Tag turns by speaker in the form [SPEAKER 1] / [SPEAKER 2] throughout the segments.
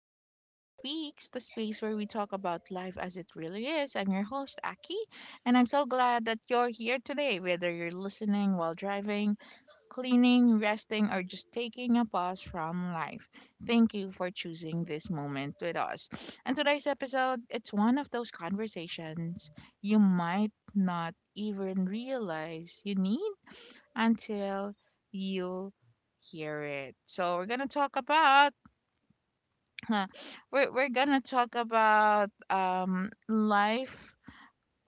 [SPEAKER 1] to Aki Speaks, the space where we talk about life as it really is. I'm your host, Aki, and I'm so glad that you're here today, whether you're listening while driving, cleaning, resting, or just taking a pause from life. Thank you for choosing this moment with us. And today's episode, it's one of those conversations you might not even realize you need until you hear it. So we're gonna talk about Huh. We're gonna talk about life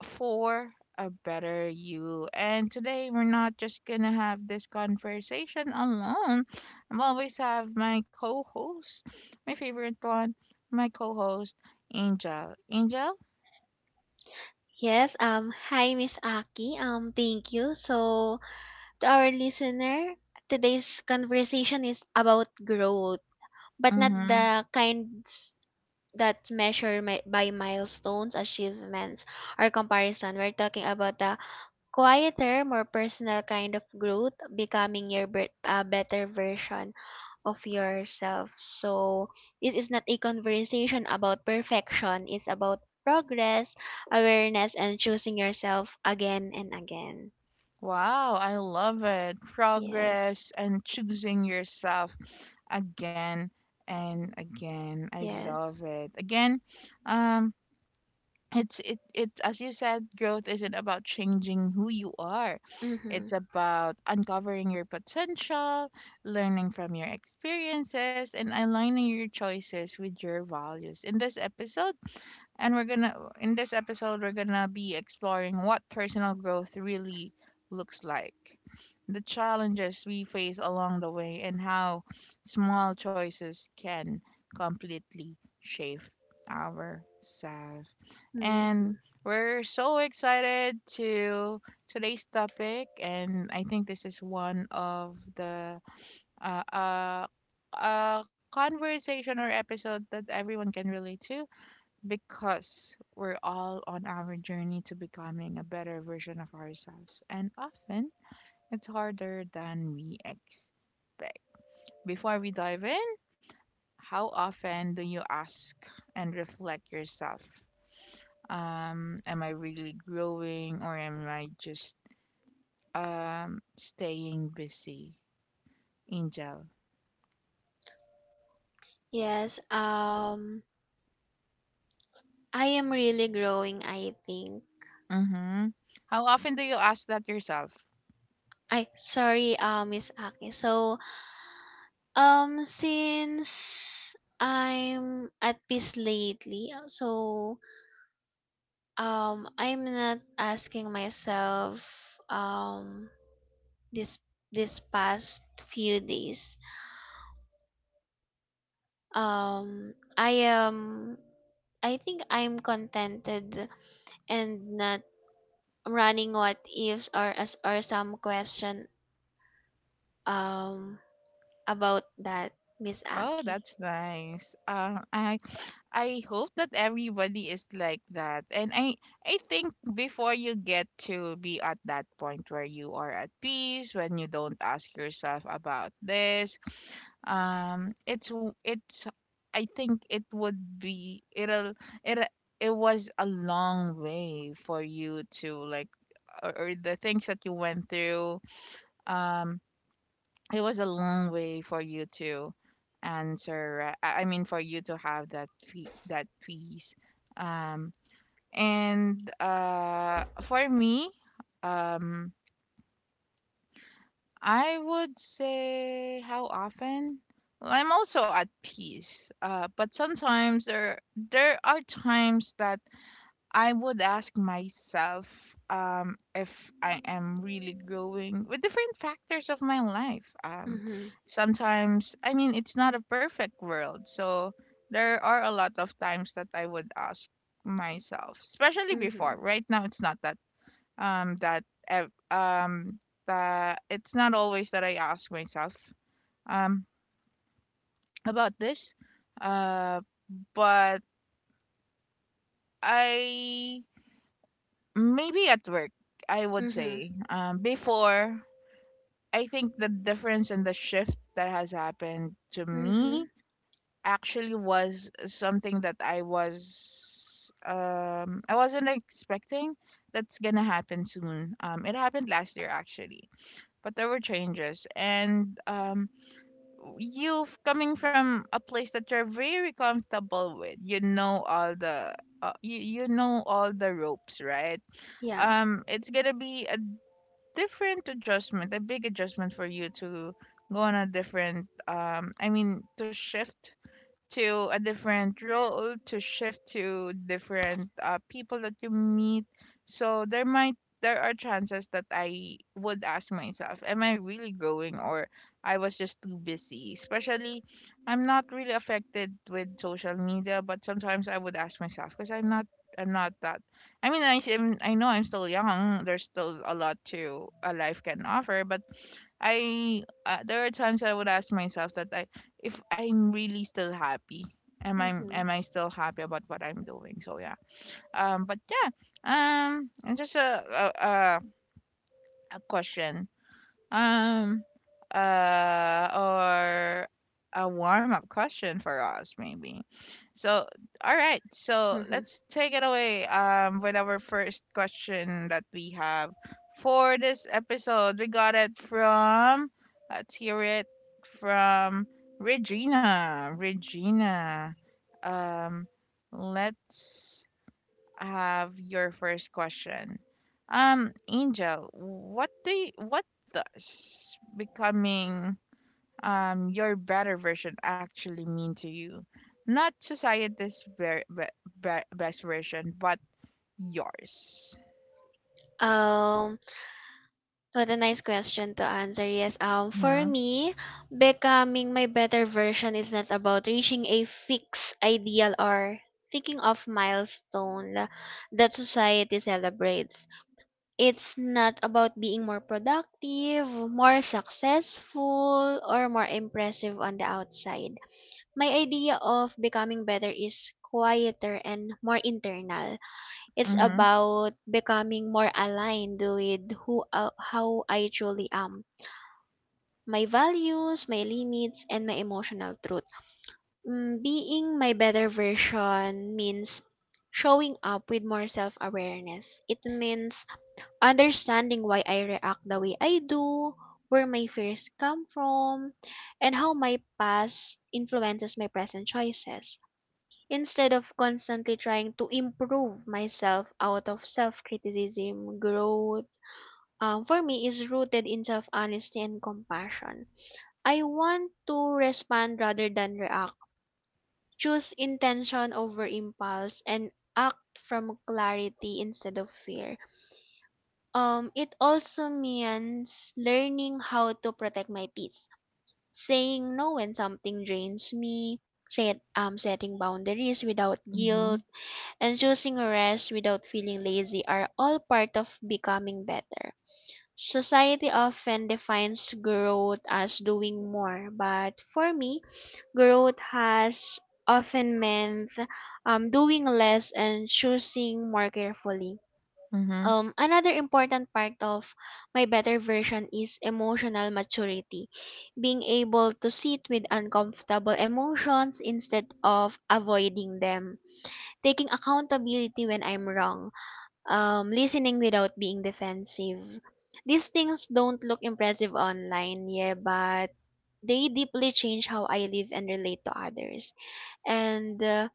[SPEAKER 1] for a better you. And today we're not just gonna have this conversation alone. I'm always have my co-host, my favorite one, my co-host, Angel. Angel?
[SPEAKER 2] Yes, hi, Miss Aki. Thank you. So, to our listener, today's conversation is about growth, but not
[SPEAKER 1] Mm-hmm.
[SPEAKER 2] the kinds that by milestones, achievements, or comparison. We're talking about the quieter, more personal kind of growth, becoming your better version of yourself. So this is not a conversation about perfection. It's about progress, awareness, and choosing yourself again and again.
[SPEAKER 1] Wow, I love it.
[SPEAKER 2] Yes.
[SPEAKER 1] Progress and choosing yourself again and again. I love
[SPEAKER 2] Yes.
[SPEAKER 1] it. Again, um, it's it it as you said, growth isn't about changing who you are,
[SPEAKER 2] Mm-hmm.
[SPEAKER 1] it's about uncovering your potential, learning from your experiences and aligning your choices with your values in this episode, we're gonna be exploring what personal growth really looks like, the challenges we face along the way, and how small choices can completely shape ourselves. And
[SPEAKER 2] Mm-hmm.
[SPEAKER 1] we're so excited to today's topic, and I think this is one of the uh, uh, a conversation or episode that everyone can relate to because we're all on our journey to becoming a better version of ourselves, and often it's harder than we expect. Before we dive in, how often do you ask and reflect yourself? Am I really growing or am I just staying busy? Angel.
[SPEAKER 2] Yes. I am really growing, I think.
[SPEAKER 1] Mm-hmm. How often do you ask that yourself?
[SPEAKER 2] I sorry, Miss Aki. So, since I'm at peace lately, so I'm not asking myself um this this past few days I am I think I'm contented and not running what ifs or as or some question um about that, Miss
[SPEAKER 1] Oh,
[SPEAKER 2] Aki.
[SPEAKER 1] that's nice. I hope that everybody is like that. And I think before you get to be at that point where you are at peace, when you don't ask yourself about this, it's, I think it would be, it it was a long way for you to like, or the things that you went through. Um it was a long way for you to answer, right? I mean for you to have that fee that piece, um and for me, um I would say how often. Well, I'm also at peace, but sometimes there are times that I would ask myself, if I am really growing with different factors of my life.
[SPEAKER 2] Mhm.
[SPEAKER 1] Sometimes, I mean, it's not a perfect world. So there are a lot of times that I would ask myself, especially before.
[SPEAKER 2] Mhm.
[SPEAKER 1] Right now, it's not that, um, that, ev- um, that it's not always that I ask myself um, about this. Uh, but I Maybe at work, I would
[SPEAKER 2] Mhm.
[SPEAKER 1] say. Before, I think the difference and the shift that has happened to me
[SPEAKER 2] Mhm.
[SPEAKER 1] actually was something that I wasn't expecting that's gonna happen soon. It happened last year actually, but there were changes and you coming from a place that you're very comfortable with. You know all the you know all the ropes, right?
[SPEAKER 2] Yeah.
[SPEAKER 1] It's gonna be a different adjustment, a big adjustment for you to go on a different um, I mean to shift to a different role, to shift to different people that you meet. So there are chances that I would ask myself, am I really growing or I was just too busy? Especially, I'm not really affected with social media, but sometimes I would ask myself because I'm not that. I mean, I am, I know I'm still young. There's still a lot to a life can offer, but I there are times I would ask myself that I, if I'm really still happy.
[SPEAKER 2] Mhm.
[SPEAKER 1] Am I still happy about what I'm doing? So yeah. But yeah. And just a question, um, or a warm up question for us, maybe. So, all right. So
[SPEAKER 2] Mhm.
[SPEAKER 1] let's take it away. With our first question that we have for this episode, we got it from. Let's hear it from Regina. Regina. Um, let's have your first question. Angel, what does becoming your better version actually mean to you? Not society's best version, but yours.
[SPEAKER 2] Um What a nice question to answer. Yes, for
[SPEAKER 1] Mhm.
[SPEAKER 2] me, becoming my better version is not about reaching a fixed ideal or thinking of milestone that society celebrates. It's not about being more productive, more successful, or more impressive on the outside. My idea of becoming better is quieter and more internal. It's
[SPEAKER 1] Mhm.
[SPEAKER 2] about becoming more aligned with who how I truly am, my values, my limits, and my emotional truth. Being my better version means showing up with more self-awareness. It means understanding why I react the way I do, where my fears come from, and how my past influences my present choices. Instead of constantly trying to improve myself out of self criticism, growth, for me, is rooted in self honesty and compassion. I want to respond rather than react, choose intention over impulse, and act from clarity instead of fear. It also means learning how to protect my peace, saying no when something drains me, setting boundaries without
[SPEAKER 1] Mm-hmm.
[SPEAKER 2] guilt and choosing rest without feeling lazy are all part of becoming better. Society often defines growth as doing more, but for me, growth has often meant, doing less and choosing more carefully.
[SPEAKER 1] Mhm.
[SPEAKER 2] Another important part of my better version is emotional maturity, being able to sit with uncomfortable emotions instead of avoiding them, taking accountability when I'm wrong, listening without being defensive. These things don't look impressive online, yeah, but they deeply change how I live and relate to others. And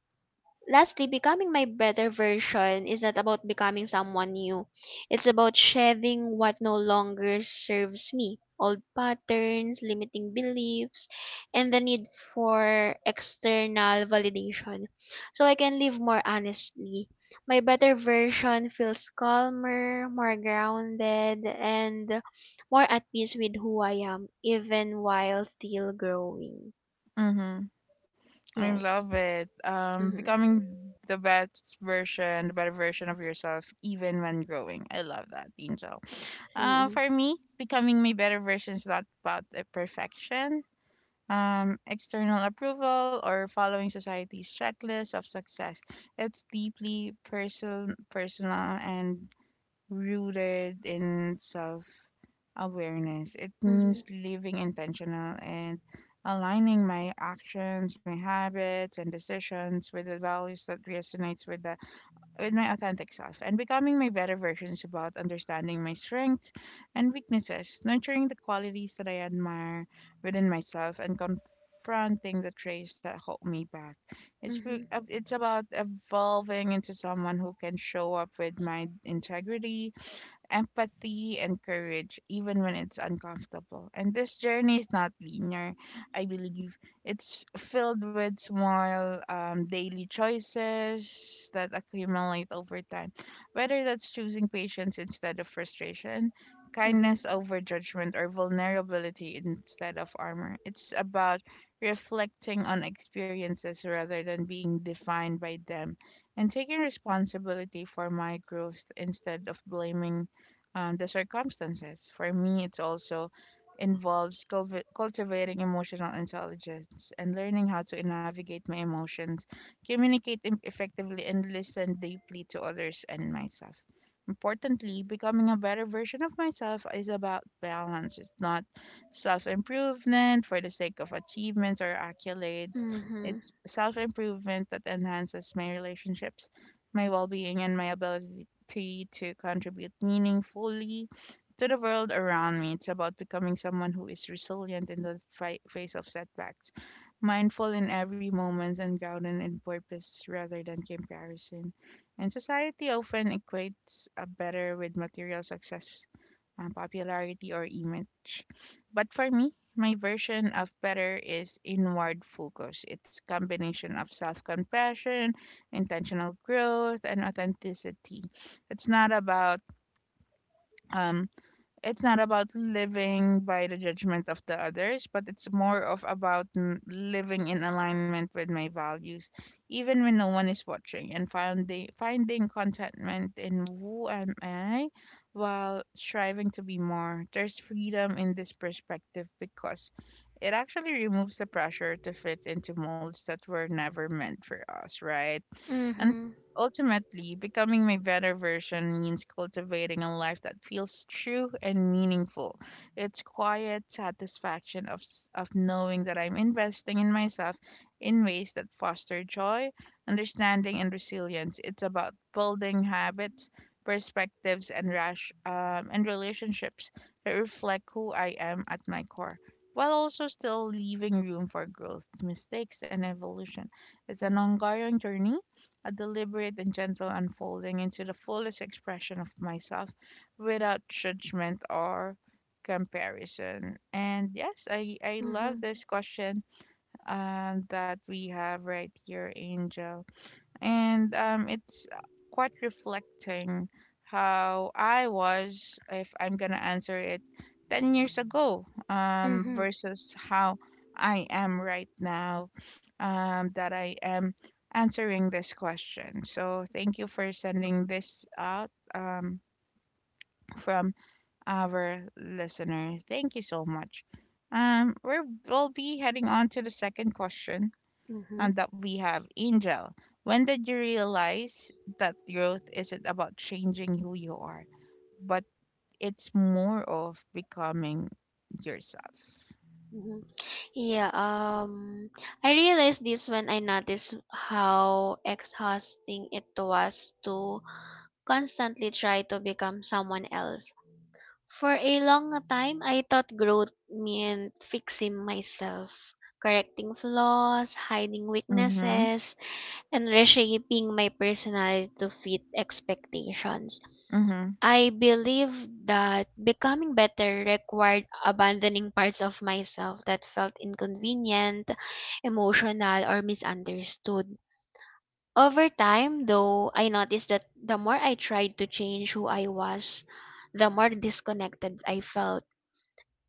[SPEAKER 2] Lastly, becoming my better version is not about becoming someone new. It's about shedding what no longer serves me. Old patterns, limiting beliefs, and the need for external validation. So I can live more honestly. My better version feels calmer, more grounded, and more at peace with who I am, even while still growing.
[SPEAKER 1] Mhm. I love
[SPEAKER 2] Yes.
[SPEAKER 1] it.
[SPEAKER 2] Mm-hmm.
[SPEAKER 1] Becoming the best version, the better version of yourself, even when growing. I love that, Angel.
[SPEAKER 2] Mm-hmm.
[SPEAKER 1] For me, becoming my better version is not about the perfection, external approval, or following society's checklist of success. It's deeply personal and rooted in self awareness. It
[SPEAKER 2] Mm-hmm.
[SPEAKER 1] means living intentional and aligning my actions, my habits and decisions with the values that resonates with my authentic self, and becoming my better versions about understanding my strengths and weaknesses, nurturing the qualities that I admire within myself and confronting the traits that hold me back.
[SPEAKER 2] Mm-hmm.
[SPEAKER 1] It's about evolving into someone who can show up with my integrity, empathy, and courage, even when it's uncomfortable. And this journey is not linear, I believe. It's filled with small daily choices that accumulate over time, whether that's choosing patience instead of frustration,
[SPEAKER 2] Mm-hmm.
[SPEAKER 1] kindness over judgment, or vulnerability instead of armor. It's about reflecting on experiences rather than being defined by them and taking responsibility for my growth instead of blaming the circumstances. For me, it's also involves cultivating emotional intelligence and learning how to navigate my emotions, communicate effectively, and listen deeply to others and myself. Importantly, becoming a better version of myself is about balance. It's not self improvement for the sake of achievements or accolades.
[SPEAKER 2] Mhm.
[SPEAKER 1] It's self improvement that enhances my relationships, my well being, and my ability opportunity to contribute meaningfully to the world around me. It's about becoming someone who is resilient in the face of setbacks, mindful in every moment, and grounded in purpose rather than comparison. And society often equates a better with material success, popularity or image. But for me, my version of better is inward focus. It's combination of self-compassion, intentional growth, and authenticity. It's not about um, it's not about living by the judgment of the others, but it's more of about living in alignment with my values, even when no one is watching, and finding contentment in who am I, while striving to be more. There's freedom in this perspective because it actually removes the pressure to fit into molds that were never meant for us, right? And
[SPEAKER 2] Mhm.
[SPEAKER 1] ultimately, becoming my better version means cultivating a life that feels true and meaningful. It's quiet satisfaction of of knowing that I'm investing in myself in ways that foster joy, understanding, and resilience. It's about building habits, perspectives, and rash and relationships that reflect who I am at my core. While also still leaving room for growth, mistakes, and evolution. It's an ongoing journey, a deliberate and gentle unfolding into the fullest expression of myself without judgment or comparison. And yes, I
[SPEAKER 2] Mhm.
[SPEAKER 1] love this question, that we have right here, Angel, and it's quite reflecting how I was, if I'm gonna answer it, 10 years ago
[SPEAKER 2] Mhm.
[SPEAKER 1] versus how I am right now, that I am answering this question. So thank you for sending this out, from our listener. Thank you so much. We'll be heading on to the second question
[SPEAKER 2] Mhm.
[SPEAKER 1] and that we have, Angel. When did you realize that growth isn't about changing who you are, but it's more of becoming yourself?
[SPEAKER 2] Mhm. Yeah, I realized this when I noticed how exhausting it was to constantly try to become someone else. For a long time, I thought growth meant fixing myself, correcting flaws, hiding
[SPEAKER 1] Mm-hmm.
[SPEAKER 2] weaknesses, and reshaping my personality to fit expectations.
[SPEAKER 1] Mm-hmm.
[SPEAKER 2] I believe that becoming better required abandoning parts of myself that felt inconvenient, emotional, or misunderstood. Over time, though, I noticed that the more I tried to change who I was, the more disconnected I felt.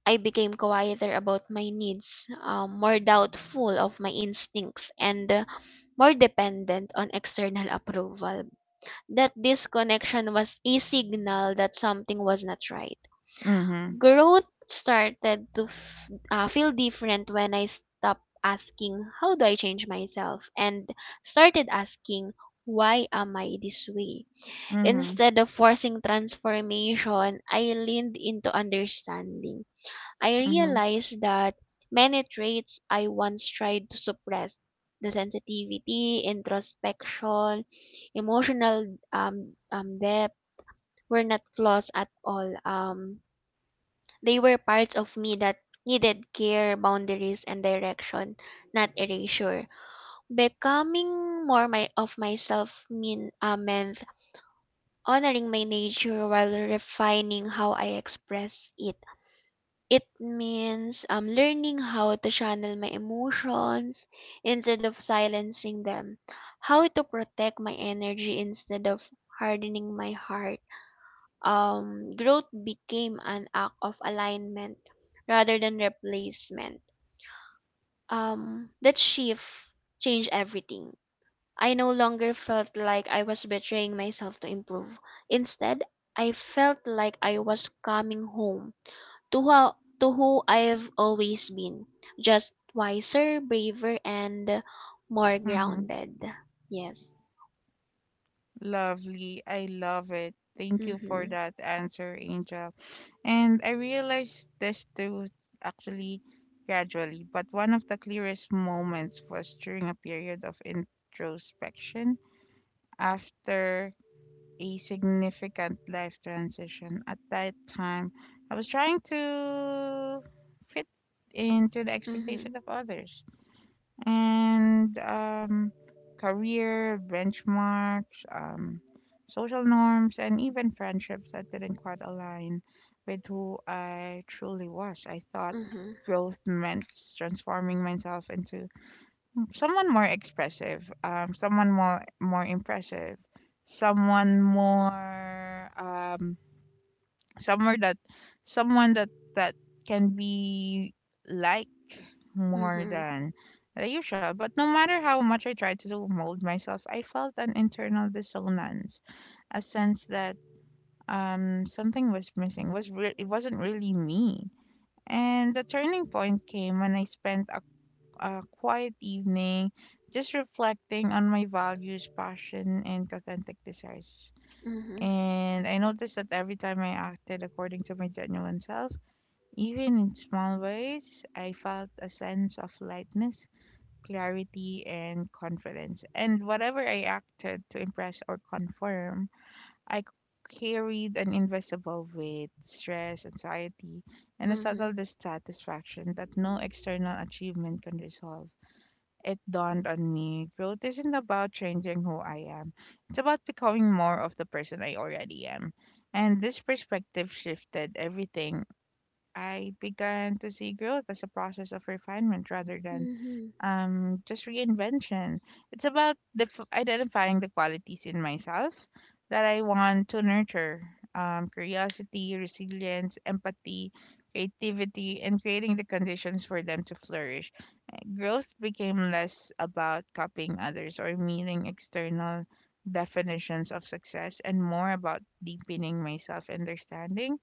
[SPEAKER 2] I became quieter about my needs, more doubtful of my instincts, and more dependent on external approval. That disconnection was a signal that something was not right.
[SPEAKER 1] Mm-hmm.
[SPEAKER 2] Growth started to feel different when I stopped asking, "How do I change myself?" and started asking, "Why am I this way?"
[SPEAKER 1] Mm-hmm.
[SPEAKER 2] Instead of forcing transformation, I leaned into understanding. I
[SPEAKER 1] Mm-hmm.
[SPEAKER 2] realized that many traits I once tried to suppress, the sensitivity, introspection, emotional depth, were not flaws at all. They were parts of me that needed care, boundaries, and direction, not erasure. Becoming more of myself meant honoring my nature while refining how I express it. It means, learning how to channel my emotions instead of silencing them, how to protect my energy instead of hardening my heart. Growth became an act of alignment rather than replacement. That shift changed everything. I no longer felt like I was betraying myself to improve. Instead, I felt like I was coming home to how to who I've always been, just wiser, braver, and more
[SPEAKER 1] Mm-hmm.
[SPEAKER 2] grounded. Yes.
[SPEAKER 1] Lovely. I love it. Thank you for
[SPEAKER 2] Mhm.
[SPEAKER 1] that answer, Angel. And I realized this too, actually gradually, but one of the clearest moments was during a period of introspection after a significant life transition. At that time, I was trying to fit into the
[SPEAKER 2] Mhm.
[SPEAKER 1] expectation of others and career benchmarks, social norms, and even friendships that didn't quite align with who I truly was. I thought
[SPEAKER 2] Mhm.
[SPEAKER 1] growth meant transforming myself into someone more expressive, someone more impressive, someone more somewhere that someone that that can be liked more
[SPEAKER 2] Mhm.
[SPEAKER 1] than the usual. But no matter how much I tried to mold myself, I felt an internal dissonance, a sense that something was missing. Was re- it wasn't really me. And the turning point came when I spent a quiet evening, just reflecting on my values, passion, and authentic desires.
[SPEAKER 2] Mhm.
[SPEAKER 1] And I noticed that every time I acted according to my genuine self, even in small ways, I felt a sense of lightness, clarity, and confidence. And whatever I acted to impress or conform, I carried an invisible weight, stress, anxiety, and a
[SPEAKER 2] Mhm.
[SPEAKER 1] subtle dissatisfaction that no external achievement can resolve. It dawned on me, growth isn't about changing who I am, it's about becoming more of the person I already am. And this perspective shifted everything. I began to see growth as a process of refinement rather than
[SPEAKER 2] Mhm.
[SPEAKER 1] just reinvention. It's about identifying the qualities in myself that I want to nurture, curiosity, resilience, empathy, creativity, and creating the conditions for them to flourish. Growth became less about copying others or meeting external definitions of success and more about deepening my self understanding,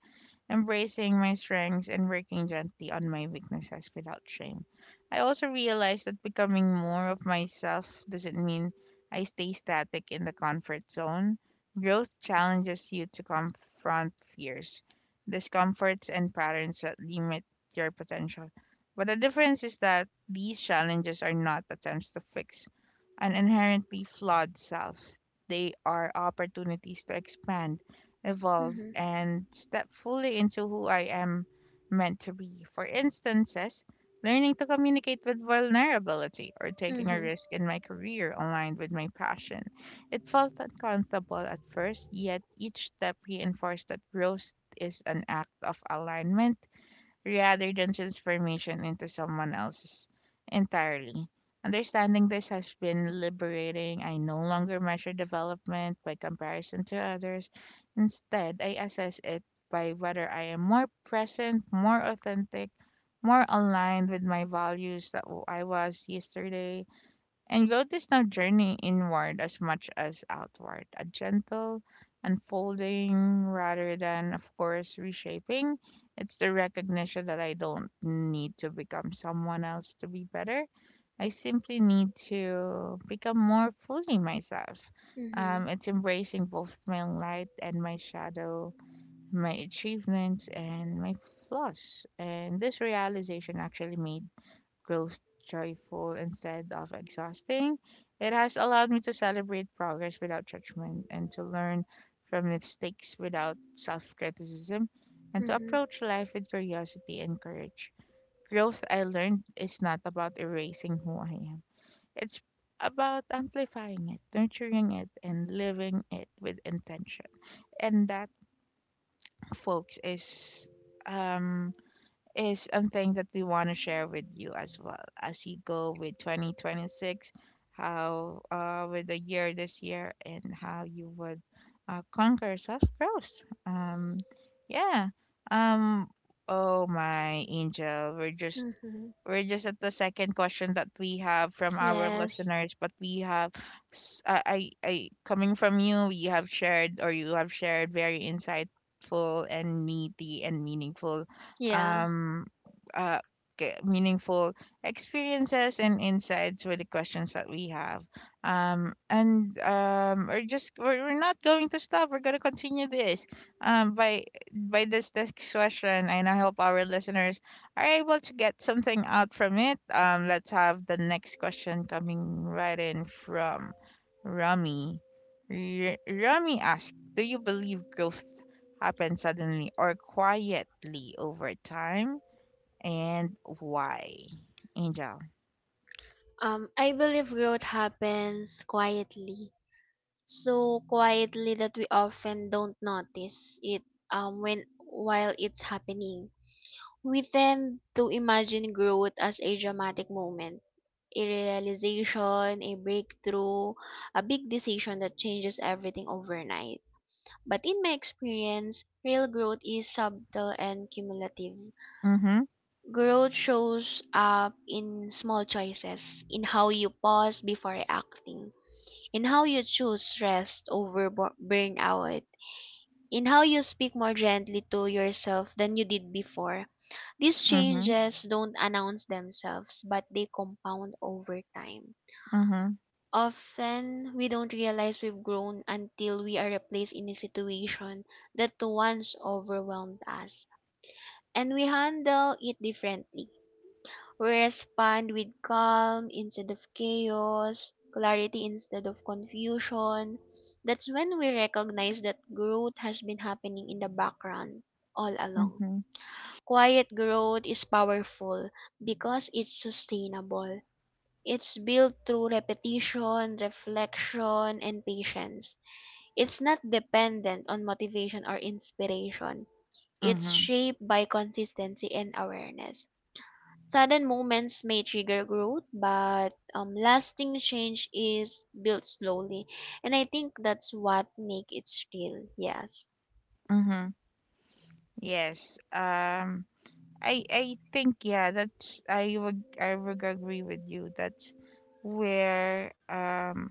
[SPEAKER 1] embracing my strengths and working gently on my weaknesses without shame. I also realized that becoming more of myself doesn't mean I stay static in the comfort zone. Growth challenges you to confront fears, discomforts, and patterns that limit your potential. But the difference is that these challenges are not attempts to fix an inherently flawed self. They are opportunities to expand, evolve,
[SPEAKER 2] Mhm.
[SPEAKER 1] and step fully into who I am meant to be. For instances, learning to communicate with vulnerability or taking a
[SPEAKER 2] Mhm.
[SPEAKER 1] risk in my career aligned with my passion. It felt uncomfortable at first, yet each step reinforced that growth is an act of alignment rather than transformation into someone else's entirely. Understanding this has been liberating. I no longer measure development by comparison to others. Instead, I assess it by whether I am more present, more authentic, more aligned with my values that I was yesterday, and growth is not journey inward as much as outward, a gentle unfolding rather than, of course, reshaping. It's the recognition that I don't need to become someone else to be better. I simply need to become more fully myself.
[SPEAKER 2] Mhm.
[SPEAKER 1] It's embracing both my light and my shadow, my achievements and my flaws. And this realization actually made growth joyful instead of exhausting. It has allowed me to celebrate progress without judgment and to learn from mistakes without self criticism and to
[SPEAKER 2] Mhm.
[SPEAKER 1] approach life with curiosity and courage. Growth, I learned, is not about erasing who I am, it's about amplifying it, nurturing it, and living it with intention. And that, folks, is um something that we want to share with you as well as you go with 2026, how, with the year this year and how you would conquer self-growth. Yeah. um oh my Angel,
[SPEAKER 2] Mhm.
[SPEAKER 1] we're just at the second question that we have from our
[SPEAKER 2] Yes.
[SPEAKER 1] listeners, but we have coming from you, we have shared, or you have shared very insightful and meaty and meaningful,
[SPEAKER 2] Yeah.
[SPEAKER 1] um, uh, meaningful experiences and insights with the questions that we have. And we're just we're not going to stop. We're going to continue this, um, by by this next question, and I hope our listeners are able to get something out from it. Let's have the next question coming right in from Rami. Rami asks, "Do you believe growth happen suddenly or quietly over time, and why? Angel."
[SPEAKER 2] I believe growth happens quietly. So quietly that we often don't notice it when while it's happening. We tend to imagine growth as a dramatic moment, a realization, a breakthrough, a big decision that changes everything overnight. But in my experience, real growth is subtle and cumulative.
[SPEAKER 1] Mm-hmm.
[SPEAKER 2] Growth shows up in small choices, in how you pause before acting, in how you choose rest over burnout, in how you speak more gently to yourself than you did before. These
[SPEAKER 1] Mm-hmm.
[SPEAKER 2] changes don't announce themselves, but they compound over time.
[SPEAKER 1] Mm-hmm.
[SPEAKER 2] Often, we don't realize we've grown until we are replaced in a situation that once overwhelmed us, and we handle it differently. We respond with calm instead of chaos, clarity instead of confusion. That's when we recognize that growth has been happening in the background all along.
[SPEAKER 1] Mm-hmm.
[SPEAKER 2] Quiet growth is powerful because it's sustainable. It's built through repetition, reflection, and patience. It's not dependent on motivation or inspiration. It's
[SPEAKER 1] Mm-hmm.
[SPEAKER 2] shaped by consistency and awareness. Sudden moments may trigger growth, but, lasting change is built slowly. And I think that's what makes it real. Yes.
[SPEAKER 1] Mm-hmm. Yes. I think, yeah. That's I would agree with you. That's where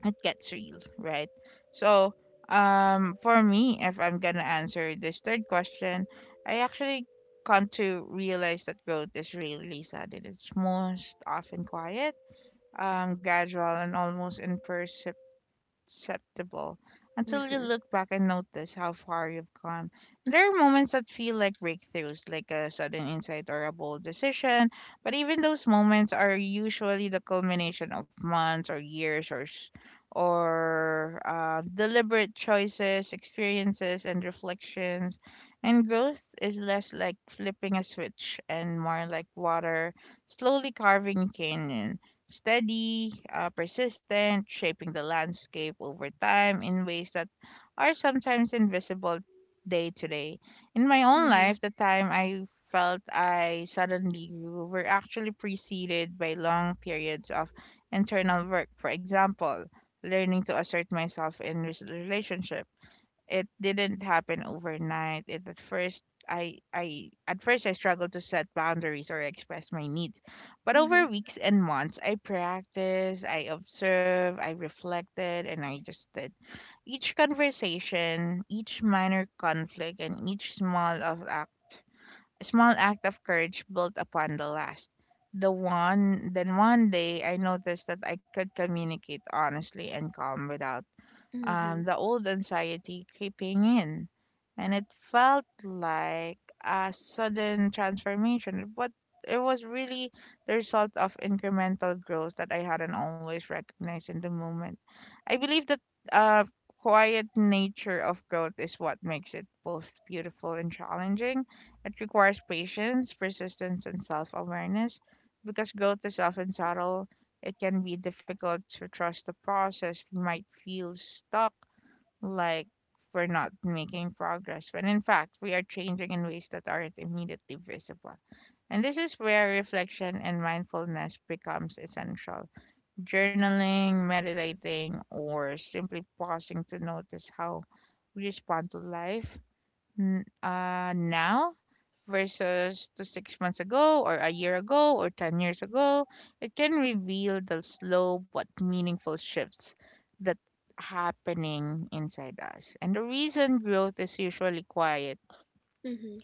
[SPEAKER 1] it gets real, right? So, for me, if I'm gonna answer this third question, I actually come to realize that growth is really sad. It's most often quiet, gradual, and almost imperceptible, acceptable, until you
[SPEAKER 2] Mm-hmm.
[SPEAKER 1] look back and notice how far you've come. There are moments that feel like breakthroughs, like a sudden insight or a bold decision, but even those moments are usually the culmination of months or years, or deliberate choices, experiences, and reflections. And growth is less like flipping a switch and more like water slowly carving canyons, steady, persistent, shaping the landscape over time in ways that are sometimes invisible day to day. In my own
[SPEAKER 2] Mm-hmm.
[SPEAKER 1] life, the time I felt I suddenly grew were actually preceded by long periods of internal work. For example, learning to assert myself in relationships, it didn't happen overnight. It, at first, I at first I struggled to set boundaries or express my needs, but
[SPEAKER 2] Mm-hmm.
[SPEAKER 1] over weeks and months, I practiced, I observed, I reflected, and I just did. Each conversation, each minor conflict, and each small of act, small act of courage built upon the last. Then one day, I noticed that I could communicate honestly and calm without,
[SPEAKER 2] Mm-hmm.
[SPEAKER 1] the old anxiety creeping in. And it felt like a sudden transformation, but it was really the result of incremental growth that I hadn't always recognized in the moment. I believe that uh, quiet nature of growth is what makes it both beautiful and challenging. It requires patience, persistence, and self awareness because growth is often subtle. It can be difficult to trust the process. We might feel stuck, like we're not making progress, when in fact, we are changing in ways that aren't immediately visible. And this is where reflection and mindfulness becomes essential. Journaling, meditating, or simply pausing to notice how we respond to life now versus to 6 months ago, or a year ago, or 10 years ago. It can reveal the slow but meaningful shifts that happening inside us. And the reason growth is usually quiet
[SPEAKER 2] Mm-hmm.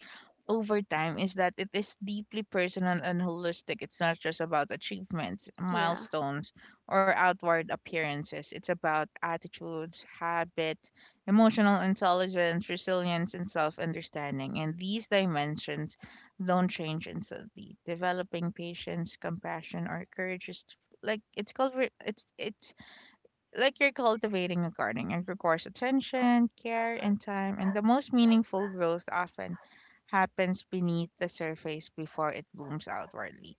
[SPEAKER 1] over time is that it is deeply personal and holistic. It's not just about achievements,
[SPEAKER 2] Yeah.
[SPEAKER 1] milestones, or outward appearances. It's about attitudes, habits, emotional intelligence, resilience, and self understanding. And these dimensions don't change instantly. Developing patience, compassion, or courage is like it's called re- it's like you're cultivating a garden. It requires attention, care, and time, and the most meaningful growth often happens beneath the surface before it blooms outwardly.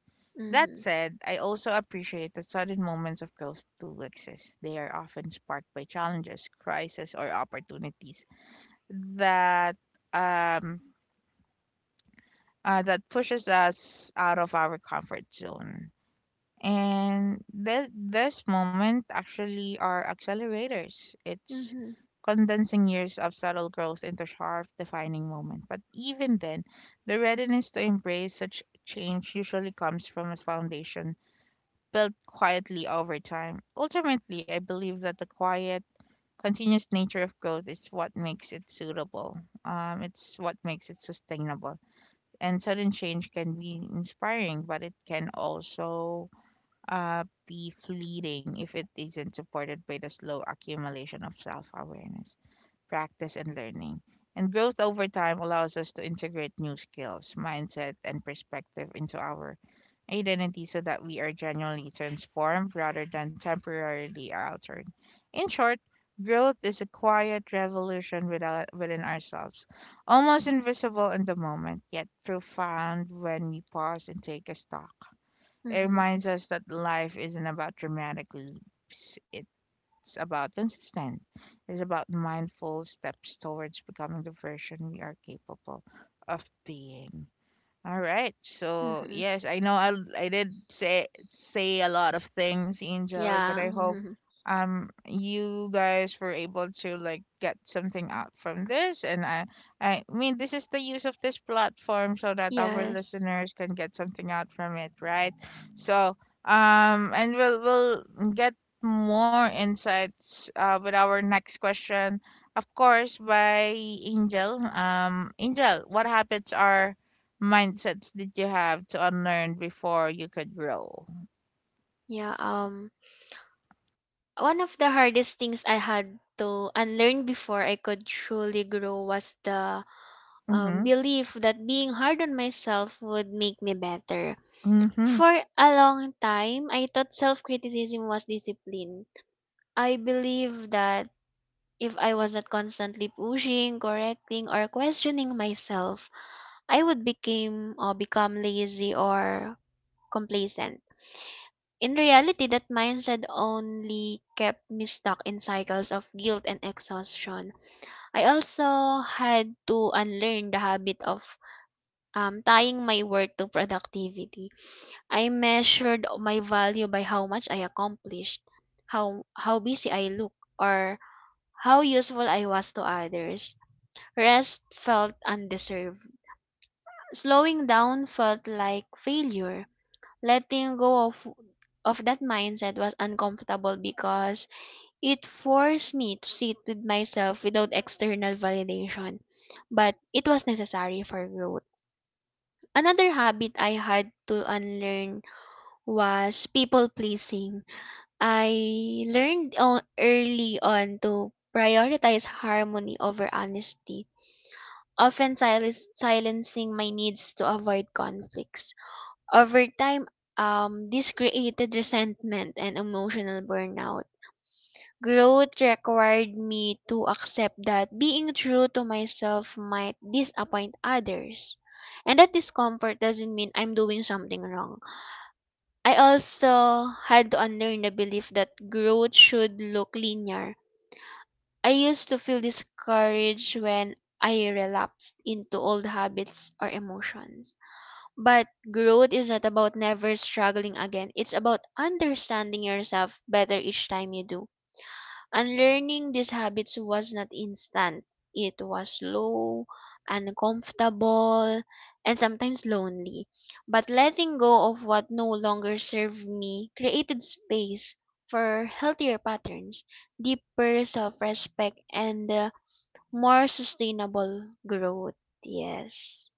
[SPEAKER 1] That
[SPEAKER 2] Mm-hmm.
[SPEAKER 1] said, I also appreciate that sudden moments of growth do exist. They are often sparked by challenges, crises, or opportunities that, um, that pushes us out of our comfort zone. And this moment actually are accelerators. It's
[SPEAKER 2] Mm-hmm.
[SPEAKER 1] condensing years of subtle growth into sharp, defining moment. But even then, the readiness to embrace such change usually comes from a foundation built quietly over time. Ultimately, I believe that the quiet, continuous nature of growth is what makes it suitable. It's what makes it sustainable. And sudden change can be inspiring, but it can also be fleeting if it isn't supported by the slow accumulation of self awareness, practice, and learning. And growth over time allows us to integrate new skills, mindset, and perspective into our identity so that we are genuinely transformed rather than temporarily altered. In short, growth is a quiet revolution without, within ourselves, almost invisible in the moment, yet profound when we pause and take a stock. It
[SPEAKER 2] Mm-hmm.
[SPEAKER 1] reminds us that life isn't about dramatic leaps, it's about consistent. It's about mindful steps towards becoming the version we are capable of being. All right. So
[SPEAKER 2] Mm-hmm.
[SPEAKER 1] yes, I know I did say a lot of things, Angel, but
[SPEAKER 2] Yeah.
[SPEAKER 1] I hope
[SPEAKER 2] Mm-hmm.
[SPEAKER 1] you guys were able to like get something out from this. And I mean this is the use of this platform so that our
[SPEAKER 2] Yes.
[SPEAKER 1] listeners can get something out from it, right? So, and we'll get more insights, with our next question, of course, by Angel. Angel, what habits are mindsets did you have to unlearn before you could grow?
[SPEAKER 2] Yeah. One of the hardest things I had to unlearn before I could truly grow was the,
[SPEAKER 1] Mhm.
[SPEAKER 2] belief that being hard on myself would make me better.
[SPEAKER 1] Mhm.
[SPEAKER 2] For a long time, I thought self criticism was discipline. I believed that if I was not constantly pushing, correcting, or questioning myself, I would become lazy or complacent. In reality, that mindset only kept me stuck in cycles of guilt and exhaustion. I also had to unlearn the habit of, tying my work to productivity. I measured my value by how much I accomplished, how busy I looked, or how useful I was to others. Rest felt undeserved. Slowing down felt like failure. Letting go of that mindset was uncomfortable because it forced me to sit with myself without external validation. But it was necessary for growth. Another habit I had to unlearn was people pleasing. I learned on early on to prioritize harmony over honesty, often silencing my needs to avoid conflicts. Over time, this created resentment and emotional burnout. Growth required me to accept that being true to myself might disappoint others, and that discomfort doesn't mean I'm doing something wrong. I also had to unlearn the belief that growth should look linear. I used to feel discouraged when I relapsed into old habits or emotions. But growth is not about never struggling again. It's about understanding yourself better each time you do. Unlearning these habits was not instant. It was slow, uncomfortable, and sometimes lonely. But letting go of what no longer served me created space for healthier patterns, deeper self respect, and more sustainable growth. Yes.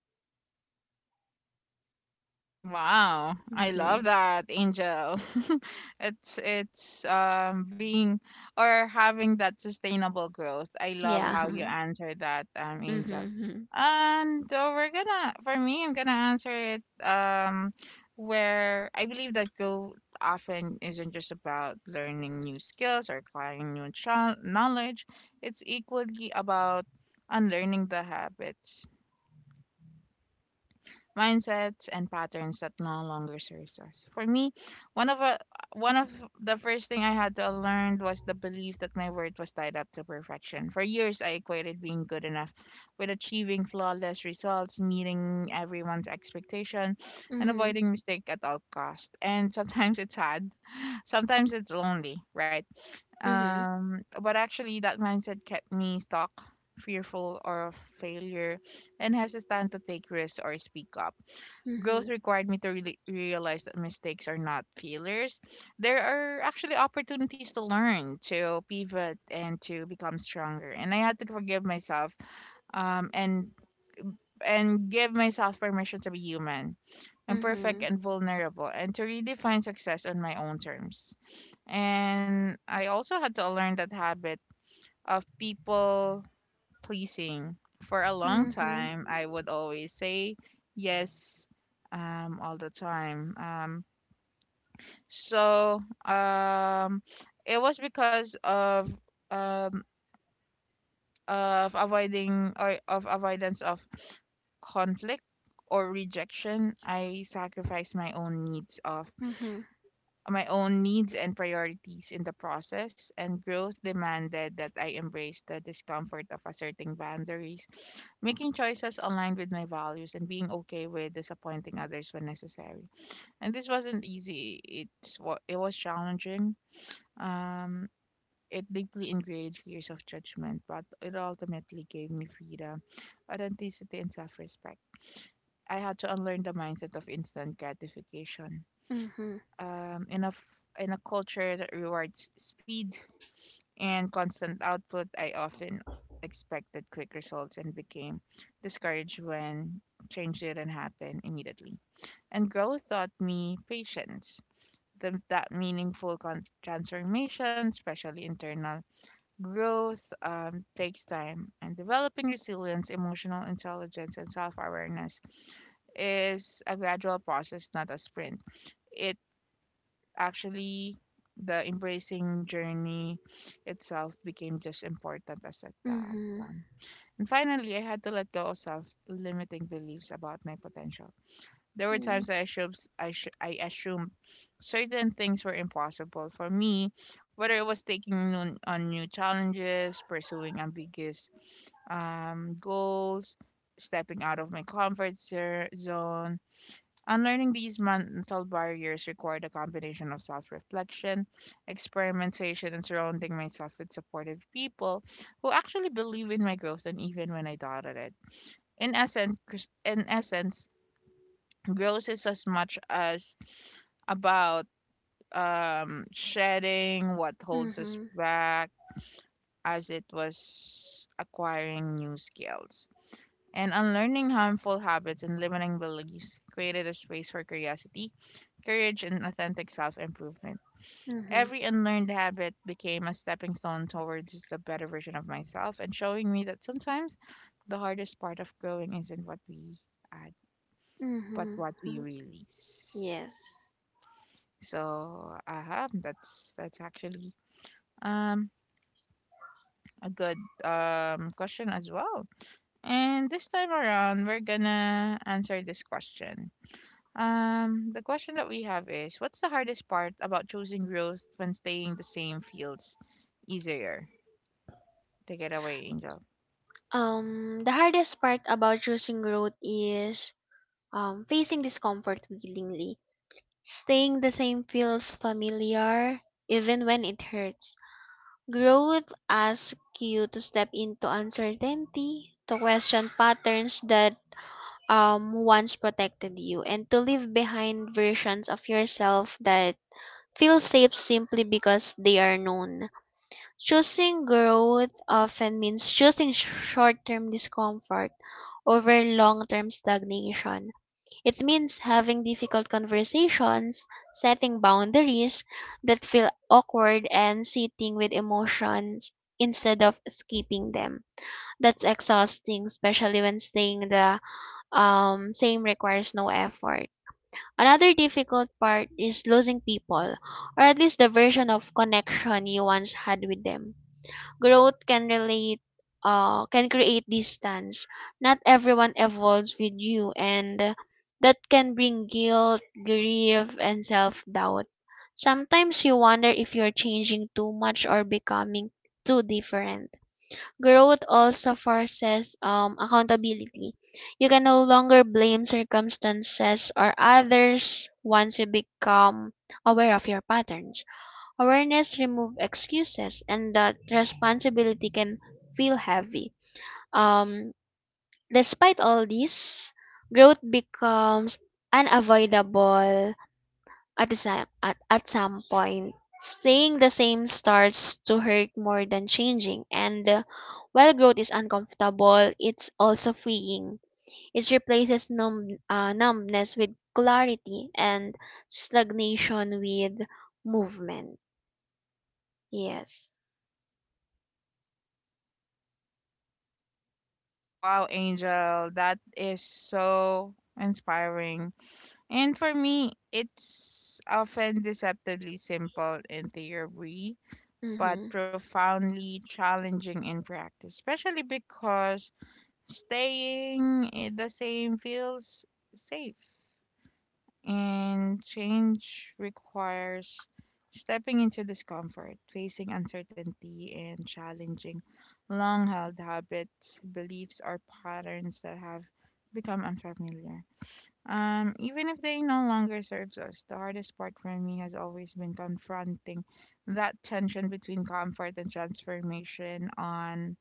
[SPEAKER 1] Wow, I
[SPEAKER 2] Mm-hmm.
[SPEAKER 1] love that, Angel. It's being or having that sustainable growth. I love
[SPEAKER 2] Yeah.
[SPEAKER 1] how you answer that, Angel.
[SPEAKER 2] Mm-hmm.
[SPEAKER 1] And we're gonna, for me, I'm gonna answer it. Where I believe that growth often isn't just about learning new skills or acquiring new knowledge. It's equally about unlearning the habits, mindsets and patterns that no longer serves us. For me, one of a, one of the first thing I had to learn was the belief that my worth was tied up to perfection. For years, I equated being good enough with achieving flawless results, meeting everyone's expectation, and
[SPEAKER 2] Mm-hmm.
[SPEAKER 1] avoiding mistake at all cost. And sometimes it's hard, sometimes it's lonely, right? But actually, that mindset kept me stuck, fearful or of failure, and hesitant to take risks or speak up.
[SPEAKER 2] Mm-hmm.
[SPEAKER 1] Growth required me to really realize that mistakes are not failures. There are actually opportunities to learn, to pivot, and to become stronger. And I had to forgive myself, um, and and give myself permission to be human,
[SPEAKER 2] Mm-hmm.
[SPEAKER 1] imperfect, and vulnerable, and to redefine success on my own terms. And I also had to learn that habit of people pleasing. For a long
[SPEAKER 2] Mm-hmm.
[SPEAKER 1] time, I would always say yes, all the time. So um, it was because of, um, of avoiding or of avoidance of conflict or rejection. I sacrificed
[SPEAKER 2] Mm-hmm.
[SPEAKER 1] my own needs and priorities in the process, and growth demanded that I embrace the discomfort of asserting boundaries, making choices aligned with my values, and being okay with disappointing others when necessary. And this wasn't easy. It was challenging. Um, it deeply ingrained fears of judgment, but it ultimately gave me freedom, authenticity, and self-respect. I had to unlearn the mindset of instant gratification
[SPEAKER 2] Mm-hmm.
[SPEAKER 1] um, in a f- in a culture that rewards speed and constant output, I often expected quick results and became discouraged when change didn't happen immediately. And growth taught me patience. That meaningful transformation, especially internal growth, takes time. And developing resilience, emotional intelligence, and self awareness is a gradual process, not a sprint. It actually, the embracing journey itself became just important as at that
[SPEAKER 2] Mm-hmm.
[SPEAKER 1] time. And finally, I had to let go of self-limiting beliefs about my potential. There were
[SPEAKER 2] Mm-hmm.
[SPEAKER 1] times I assumed I assumed certain things were impossible for me, whether it was taking on new challenges, pursuing ambiguous goals, stepping out of my comfort zone. Unlearning these mental barriers required a combination of self reflection, experimentation, and surrounding myself with supportive people who actually believe in my growth and even when I doubted it. In essence, growth is as much as about, shedding what holds us
[SPEAKER 2] Mhm.
[SPEAKER 1] back as it was acquiring new skills, and unlearning harmful habits and limiting beliefs created a space for curiosity, courage, and authentic self improvement.
[SPEAKER 2] Mhm.
[SPEAKER 1] Every unlearned habit became a stepping stone towards just a better version of myself, and showing me that sometimes the hardest part of growing isn't what we add, but
[SPEAKER 2] Mhm.
[SPEAKER 1] what we
[SPEAKER 2] Mhm.
[SPEAKER 1] release.
[SPEAKER 2] Yes.
[SPEAKER 1] So that's actually um a good question as well. And this time around, we're gonna answer this question. The question that we have is, what's the hardest part about choosing growth when staying the same feels easier? Take it away, Angel.
[SPEAKER 2] The hardest part about choosing growth is, facing discomfort willingly. Staying the same feels familiar even when it hurts. Growth asks you to step into uncertainty, to question patterns that, once protected you, and to leave behind versions of yourself that feel safe simply because they are known. Choosing growth often means choosing short-term discomfort over long-term stagnation. It means having difficult conversations, setting boundaries that feel awkward, and sitting with emotions instead of escaping them. That's exhausting, especially when staying the, same requires no effort. Another difficult part is losing people, or at least the version of connection you once had with them. Growth can create distance. Not everyone evolves with you, and that can bring guilt, grief, and self-doubt. Sometimes you wonder if you're changing too much or becoming too different. Growth also forces, accountability. You can no longer blame circumstances or others once you become aware of your patterns. Awareness remove excuses, and that responsibility can feel heavy. Um, despite all this, growth becomes unavoidable at some point. Staying the same starts to hurt more than changing, and while growth is uncomfortable, it's also freeing. It replaces numbness with clarity, and stagnation with movement. Yes.
[SPEAKER 1] Wow, Angel, that is so inspiring. And for me, it's often deceptively simple in theory, but
[SPEAKER 2] Mm-hmm.
[SPEAKER 1] profoundly challenging in practice, especially because staying in the same feels safe. And change requires stepping into discomfort, facing uncertainty, and challenging long held habits, beliefs, or patterns that have become unfamiliar. Even if they no longer serves us, the hardest part for me has always been confronting that tension between comfort and transformation. On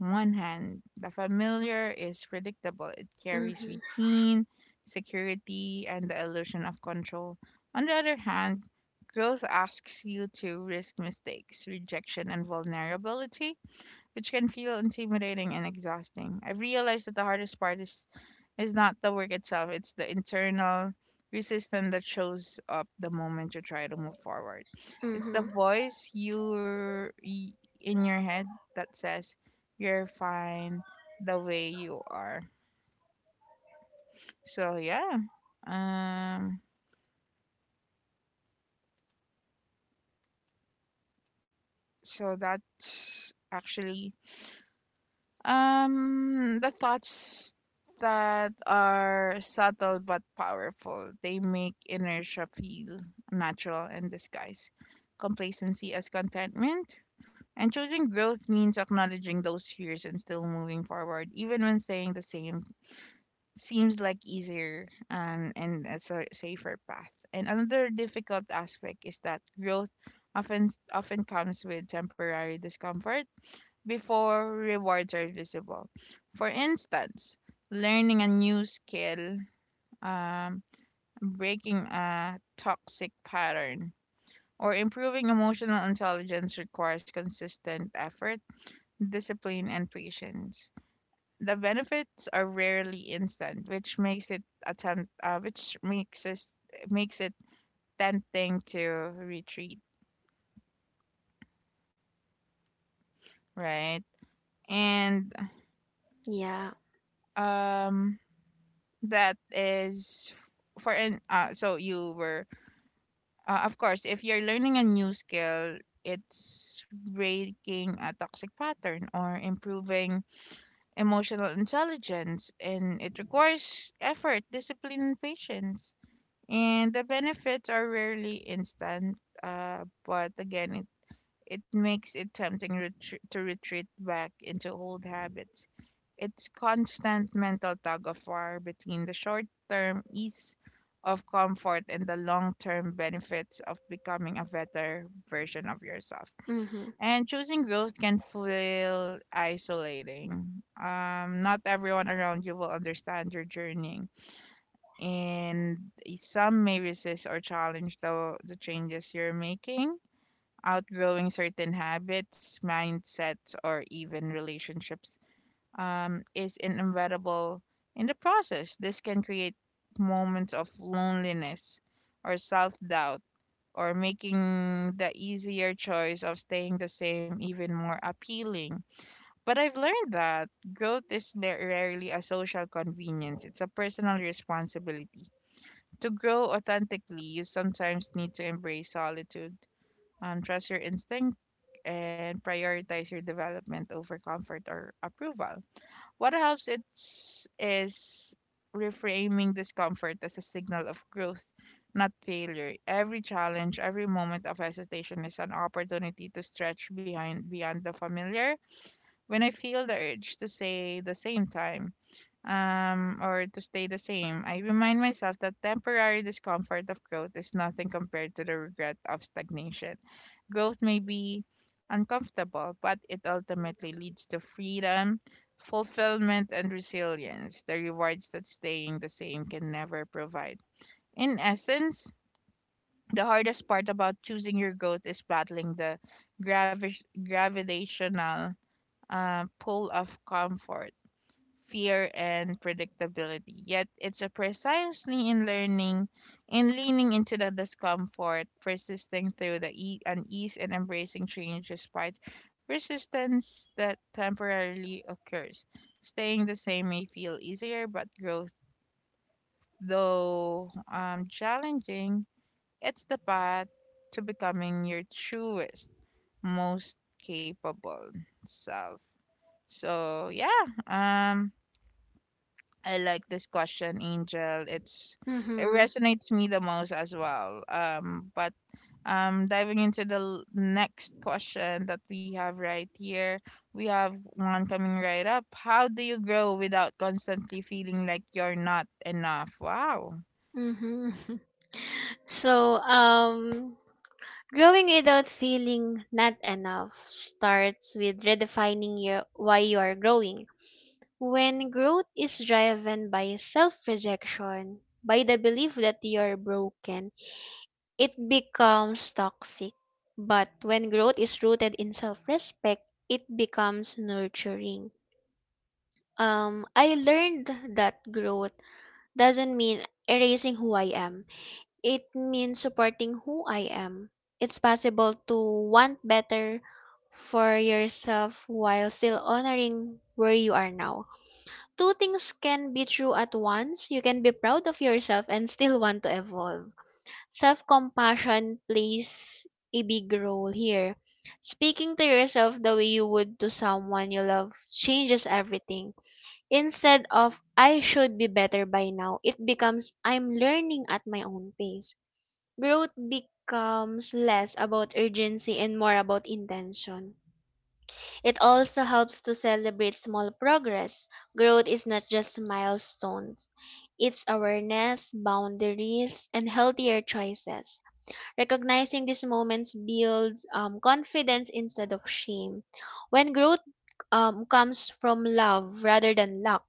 [SPEAKER 1] one hand, the familiar is predictable. It carries
[SPEAKER 2] Mhm.
[SPEAKER 1] routine, security, and the illusion of control. On the other hand, growth asks you to risk mistakes, rejection, and vulnerability, which can feel intimidating and exhausting. I've realized that the hardest part is not the work itself, it's the internal resistance that shows up the moment you try to move forward. It's the
[SPEAKER 2] Mhm.
[SPEAKER 1] voice you in your head that says you're fine the way you are. So yeah. Um so that's actually, um, the thoughts that are subtle but powerful. They make inertia feel natural and disguise complacency as contentment. And choosing growth means acknowledging those fears and still moving forward, even when saying the same seems like easier and a safer path. And another difficult aspect is that growth often comes with temporary discomfort before rewards are visible. For instance, learning a new skill, um, breaking a toxic pattern, or improving emotional intelligence requires consistent effort, discipline, and patience. The benefits are rarely instant, which makes it tempting to retreat, right? And,
[SPEAKER 2] Yeah.
[SPEAKER 1] um, that is f- for an so you were, of course if you're learning a new skill, it's breaking a toxic pattern or improving emotional intelligence, and it requires effort, discipline, and patience, and the benefits are rarely instant. Uh, but again, it makes it tempting to retreat back into old habits. It's constant mental tug of war between the short term ease of comfort and the long term benefits of becoming a better version of yourself.
[SPEAKER 2] Mhm.
[SPEAKER 1] And choosing growth can feel isolating. Not everyone around you will understand your journey, and some may resist or challenge the changes you're making. Outgrowing certain habits, mindsets, or even relationships, is inevitable in the process. This can create moments of loneliness or self doubt, or making the easier choice of staying the same even more appealing. But I've learned that growth is rarely a social convenience, it's a personal responsibility. To grow authentically, you sometimes need to embrace solitude, trust your instinct, and prioritize your development over comfort or approval. What helps is reframing discomfort as a signal of growth, not failure. Every challenge, every moment of hesitation is an opportunity to stretch behind beyond the familiar. When I feel the urge to say the same time, or to stay the same, I remind myself that temporary discomfort of growth is nothing compared to the regret of stagnation. Growth may be uncomfortable, but it ultimately leads to freedom, fulfillment, and resilience, the rewards that staying the same can never provide. In essence, the hardest part about choosing your growth is battling the gravi- gravitational, pull of comfort, fear, and predictability. Yet it's a precisely in learning, in leaning into the discomfort, persisting through the unease, and embracing change despite resistance that temporarily occurs. Staying the same may feel easier, but growth, though challenging, it's the path to becoming your truest, most capable self. So yeah, um, I like this question, Angel. It's it
[SPEAKER 2] Mhm.
[SPEAKER 1] resonates me the most as well. But, diving into the next question that we have right here, we have one coming right up. How do you grow without constantly feeling like you're not enough? Wow.
[SPEAKER 2] Mhm. So, growing without feeling not enough starts with redefining your why you are growing. When growth is driven by self-rejection, by the belief that you are broken, it becomes toxic. But when growth is rooted in self-respect, it becomes nurturing. I learned that growth doesn't mean erasing who I am. It means supporting who I am. It's possible to want better for yourself while still honoring where you are now. Two things can be true at once. You can be proud of yourself and still want to evolve. Self compassion plays a big role here. Speaking to yourself the way you would to someone you love changes everything. Instead of "I should be better by now," it becomes "I'm learning at my own pace." Growth becomes less about urgency and more about intention. It also helps to celebrate small progress. Growth is not just milestones, it's awareness, boundaries, and healthier choices. Recognizing these moments builds, confidence instead of shame. When growth, comes from love rather than luck,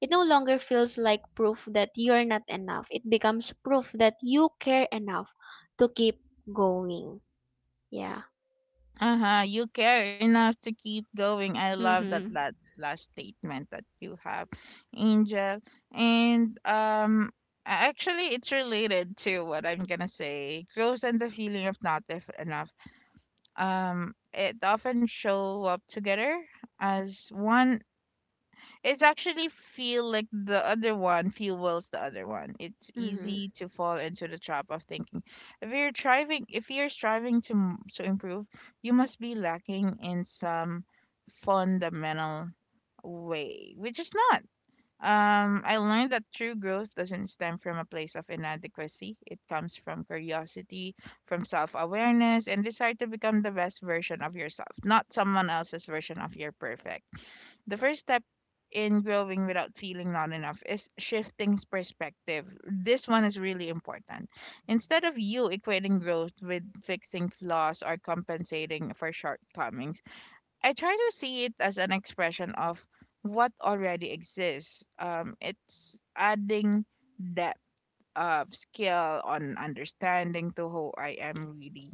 [SPEAKER 2] it no longer feels like proof that you're not enough. It becomes proof that you care enough to keep going. Yeah.
[SPEAKER 1] Uh-huh. You care enough to keep going. I love that
[SPEAKER 2] Mm-hmm.
[SPEAKER 1] last statement that you have, Angel. And um, actually it's related to what I'm gonna say. Growth and the feeling of not if enough. Um, it often show up together as one, it's actually feel like the other one fuels the other one. It's
[SPEAKER 2] Mhm,
[SPEAKER 1] easy to fall into the trap of thinking, if you're striving to improve, you must be lacking in some fundamental way, which is not. I learned that true growth doesn't stem from a place of inadequacy. It comes from curiosity, from self awareness, and desire to become the best version of yourself, not someone else's version of your perfect. The first step in growing without feeling not enough is shifting perspective. This one is really important. Instead of you equating growth with fixing flaws or compensating for shortcomings, I try to see it as an expression of what already exists. It's adding that of skill on understanding to who I am really.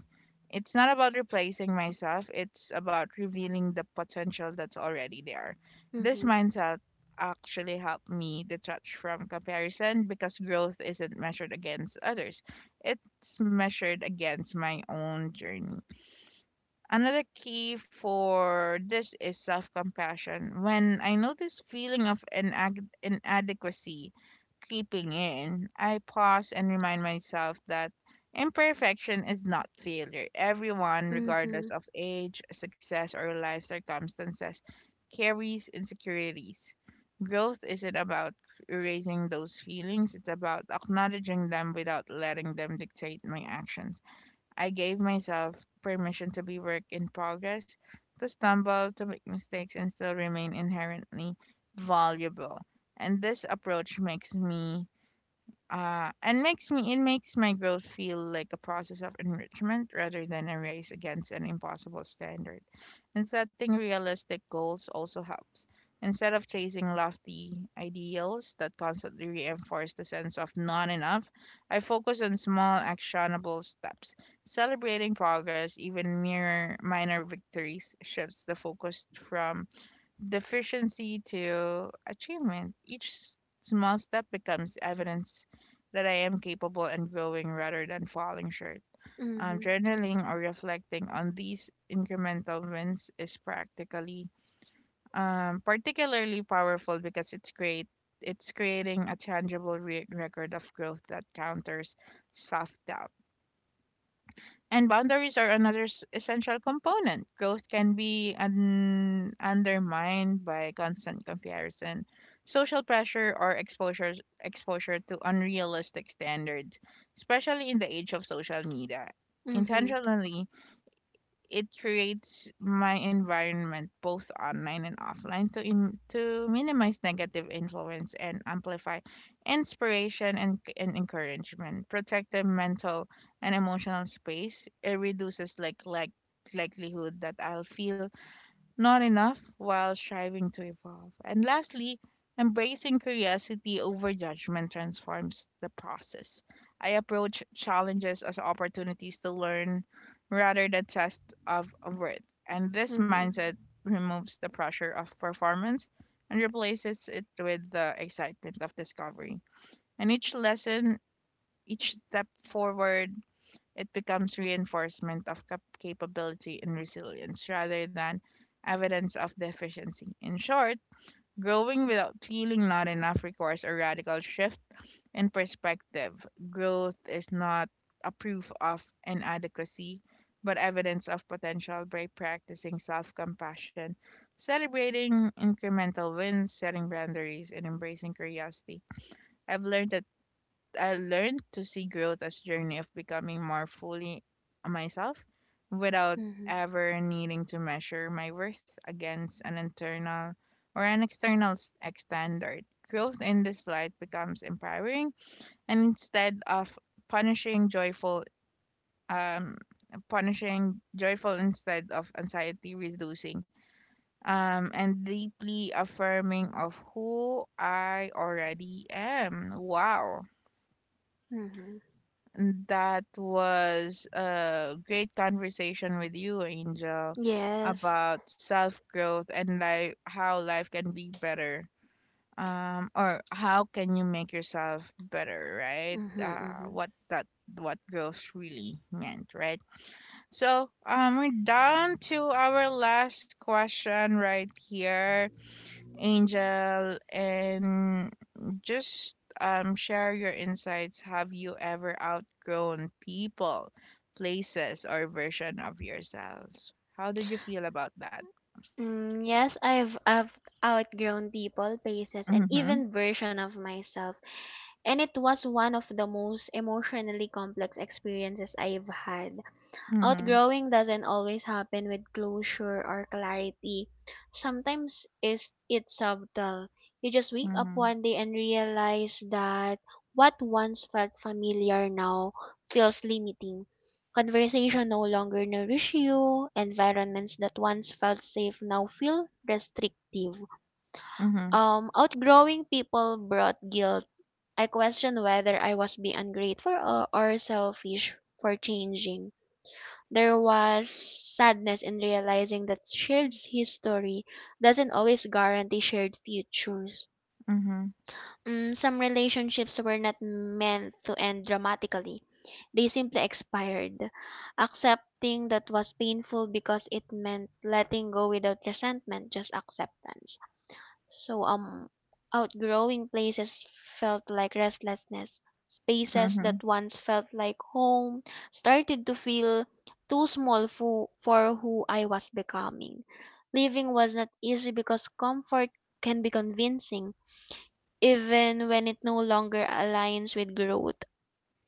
[SPEAKER 1] It's not about replacing myself, it's about revealing the potential that's already there. This
[SPEAKER 2] mhm,
[SPEAKER 1] mindset actually helped me detach from comparison because growth isn't measured against others, it's measured against my own journey. Another key for this is self compassion. When I notice feeling of inadequacy creeping in, I pause and remind myself that imperfection is not failure. Everyone, regardless
[SPEAKER 2] mhm,
[SPEAKER 1] of age, success, or life circumstances, carries insecurities. Growth isn't about erasing those feelings, it's about acknowledging them without letting them dictate my actions. I gave myself permission to be work in progress, to stumble, to make mistakes, and still remain inherently valuable. And this approach makes me it makes my growth feel like a process of enrichment rather than a race against an impossible standard. And setting realistic goals also helps. Instead of chasing lofty ideals that constantly reinforce the sense of not enough, I focus on small actionable steps. Celebrating progress, even mere minor victories, shifts the focus from deficiency to achievement. Each small step becomes evidence that I am capable and growing rather than falling short.
[SPEAKER 2] mhm,
[SPEAKER 1] Journaling or reflecting on these incremental wins is practically particularly powerful because it's great. It's creating a tangible record of growth that counters self doubt. And boundaries are another essential component. Growth can be undermined by constant comparison, social pressure, or exposure to unrealistic standards, especially in the age of social media.
[SPEAKER 2] mhm,
[SPEAKER 1] Intentionally it creates my environment both online and offline to minimize negative influence and amplify inspiration and encouragement, protect the mental and emotional space, it reduces like likelihood that I'll feel not enough while striving to evolve. And lastly, embracing curiosity over judgment transforms the process. I approach challenges as opportunities to learn rather than test of worth. And this
[SPEAKER 2] mhm,
[SPEAKER 1] mindset removes the pressure of performance and replaces it with the excitement of discovery. And each lesson, each step forward it becomes reinforcement of capability and resilience rather than evidence of deficiency. In short, growing without feeling not enough requires a radical shift in perspective. Growth is not a proof of inadequacy, but evidence of potential by practicing self compassion, celebrating incremental wins, setting boundaries, and embracing curiosity. I've learned that I learned to see growth as a journey of becoming more fully myself without
[SPEAKER 2] mhm,
[SPEAKER 1] ever needing to measure my worth against an internal or an external standard. Growth in this light becomes empowering, and instead of punishing joyful, um, punishing joyful instead of anxiety reducing, and deeply affirming of who I already am. Wow.
[SPEAKER 2] mhm.
[SPEAKER 1] That was a great conversation with you, Angel,
[SPEAKER 2] Yes.
[SPEAKER 1] about self growth and life, how life can be better. Or how can you make yourself better, right?
[SPEAKER 2] Mm-hmm, mm-hmm.
[SPEAKER 1] What growth really meant, right? So we're down to our last question right here, Angel, and just share your insights. Have you ever outgrown people, places, or version of yourselves? How did you feel about that?
[SPEAKER 2] Mm, yes, I've outgrown people, places, and
[SPEAKER 1] Mm-hmm.
[SPEAKER 2] even version of myself, and it was one of the most emotionally complex experiences I've had.
[SPEAKER 1] Mm-hmm.
[SPEAKER 2] Outgrowing doesn't always happen with closure or clarity. Sometimes is it's subtle. You just wake up
[SPEAKER 1] Mm-hmm.
[SPEAKER 2] one day and realize that what once felt familiar now feels limiting. Conversation no longer nourish you. Environments that once felt safe now feel restrictive.
[SPEAKER 1] Mm-hmm.
[SPEAKER 2] Outgrowing people brought guilt. I questioned whether I was being ungrateful or selfish for changing. There was sadness in realizing that shared history doesn't always guarantee shared futures.
[SPEAKER 1] Mm-hmm.
[SPEAKER 2] Mm, some relationships were not meant to end dramatically. They simply expired. Accepting that was painful because it meant letting go without resentment, just acceptance. So, outgrowing places felt like restlessness. Spaces
[SPEAKER 1] Mm-hmm.
[SPEAKER 2] that once felt like home started to feel too small for who I was becoming. Living was not easy because comfort can be convincing even when it no longer aligns with growth.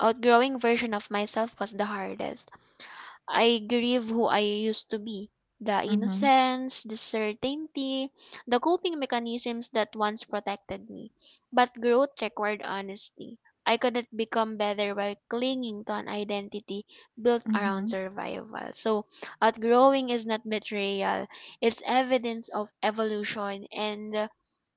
[SPEAKER 2] Outgrowing version of myself was the hardest. I grieve who I used to be. The
[SPEAKER 1] Mm-hmm.
[SPEAKER 2] innocence, the certainty, the coping mechanisms that once protected me. But growth required honesty. I couldn't become better while clinging to an identity built around
[SPEAKER 1] Mm-hmm.
[SPEAKER 2] survival. So, outgrowing is not betrayal, it's evidence of evolution. And,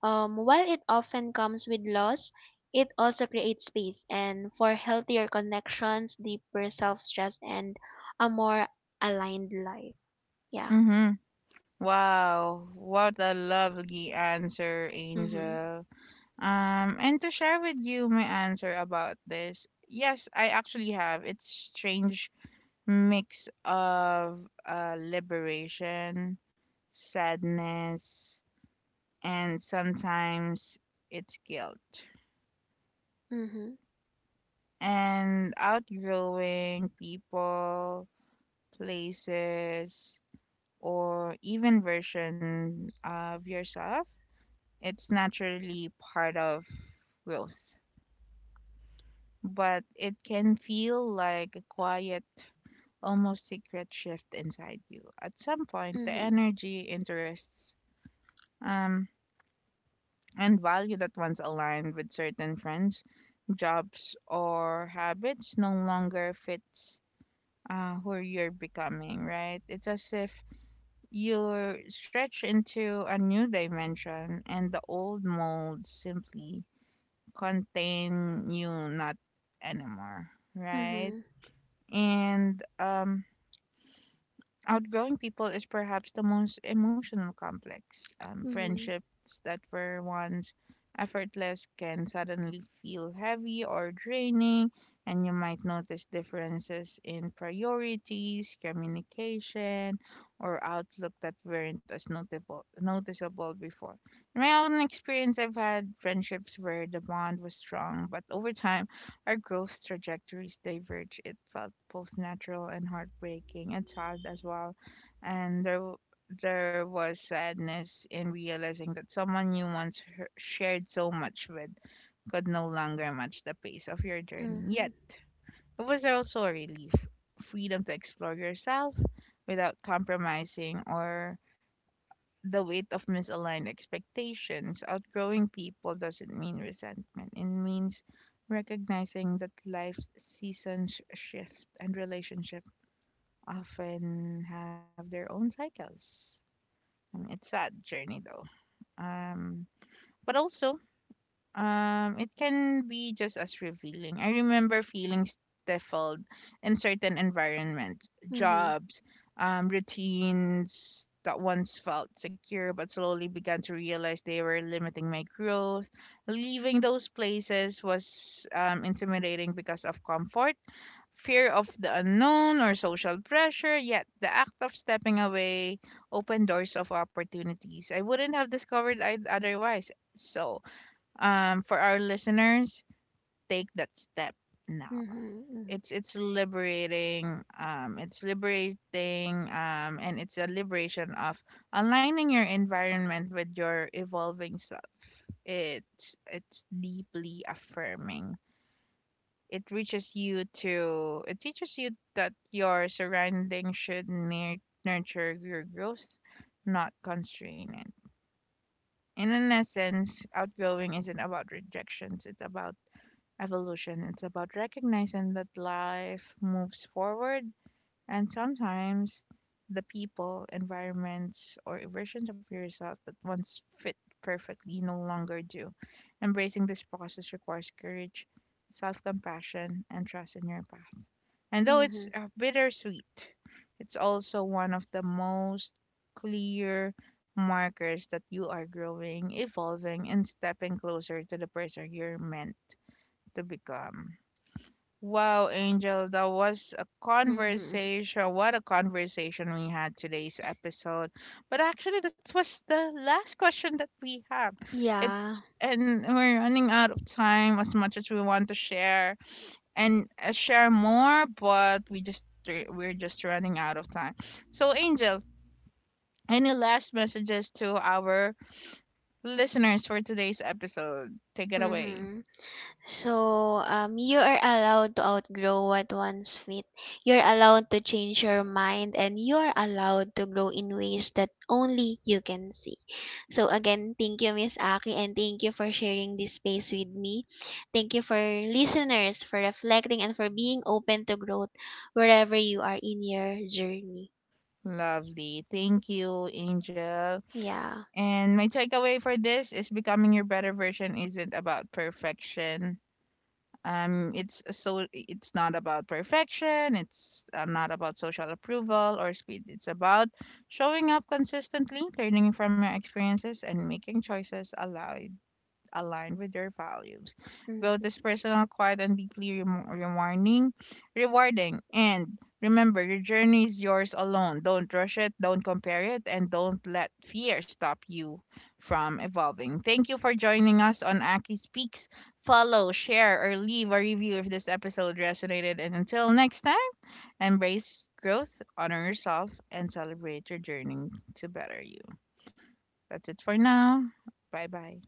[SPEAKER 2] while it often comes with loss, it also creates space and for healthier connections, deeper self trust, and a more aligned life. Yeah.
[SPEAKER 1] Mm-hmm. Wow, what a lovely answer,
[SPEAKER 2] Mhm.
[SPEAKER 1] Angel. And to share with you my answer about this, yes, I actually have. It's strange mix of liberation, sadness, and sometimes it's guilt.
[SPEAKER 2] Mhm.
[SPEAKER 1] And outgrowing people, places, or even version of yourself, it's naturally part of growth. But it can feel like a quiet, almost secret shift inside you. At some point, the
[SPEAKER 2] Mhm.
[SPEAKER 1] energy interests um and value that once aligned with certain friends, jobs, or habits no longer fits who you're becoming, right? It's as if you're stretched into a new dimension and the old molds simply contain you not anymore, right?
[SPEAKER 2] Mhm.
[SPEAKER 1] And Outgrowing people is perhaps the most emotional complex.
[SPEAKER 2] Mhm.
[SPEAKER 1] Friendships that were once effortless can suddenly feel heavy or draining, and you might notice differences in priorities, communication, or outlook that weren't as noticeable before. In my own experience, I've had friendships where the bond was strong, but over time, our growth trajectories diverged. It felt both natural and heartbreaking, and sad as well. And there, w- there was sadness in realizing that someone you once h- shared so much with could no longer match the pace of your journey. Yet,
[SPEAKER 2] Mhm.
[SPEAKER 1] it was also a relief, freedom to explore yourself without compromising or the weight of misaligned expectations. Outgrowing people doesn't mean resentment, it means recognizing that life's seasons shift and relationships often have their own cycles. I mean, it's sad journey though. Um, but also, it can be just as revealing. I remember feeling stifled in certain environments,
[SPEAKER 2] Mhm.
[SPEAKER 1] jobs, routines that once felt secure but slowly began to realize they were limiting my growth. Leaving those places was intimidating because of comfort, fear of the unknown, or social pressure. Yet the act of stepping away opened doors of opportunities I wouldn't have discovered I'd otherwise. So, for our listeners, take that step now.
[SPEAKER 2] Mhm. Mhm.
[SPEAKER 1] It's liberating. It's liberating. And it's a liberation of aligning your environment with your evolving self. It's deeply affirming. It reaches you to. It teaches you that your surrounding should nurture your growth, not constrain it. In an essence, outgrowing isn't about rejections. It's about evolution. It's about recognizing that life moves forward and sometimes the people, environments, or versions of yourself that once fit perfectly no longer do. Embracing this process requires courage, self compassion, and trust in your path. And though it's
[SPEAKER 2] Mhm.
[SPEAKER 1] bittersweet, it's also one of the most clear markers that you are growing, evolving, and stepping closer to the person you're meant to become. Wow, Angel, that was a
[SPEAKER 2] Mhm.
[SPEAKER 1] conversation. What a conversation we had today's episode. But actually, that was the last question that we have. It
[SPEAKER 2] Yeah.
[SPEAKER 1] And we're running out of time, as much as we want to share and share more, but we're just running out of time. So, Angel, any last messages to our listeners for today's episode? Take it away.
[SPEAKER 2] Mm-hmm. So, you are allowed to outgrow what once fit. You're allowed to change your mind, and you're allowed to grow in ways that only you can see. So, again, thank you, Miss Aki, and thank you for sharing this space with me. Thank you for listeners, for reflecting, and for being open to growth wherever you are in your journey.
[SPEAKER 1] Lovely. Thank you, Angel.
[SPEAKER 2] Yeah.
[SPEAKER 1] And my takeaway for this is becoming your better version isn't about perfection. It's a so it's not about perfection. It's not about social approval or speed. It's about showing up consistently, learning from your experiences, and making choices aligned with their values. Growth
[SPEAKER 2] Mm.
[SPEAKER 1] is personal, quiet, and deeply remo rewarding. Rewarding. And remember, your journey is yours alone. Don't rush it, don't compare it, and don't let fear stop you from evolving. Thank you for joining us on Aki Speaks. Follow, share, or leave a review if this episode resonated. And until next time, embrace growth, honor yourself, and celebrate your journey to better you. That's it for now. Bye bye.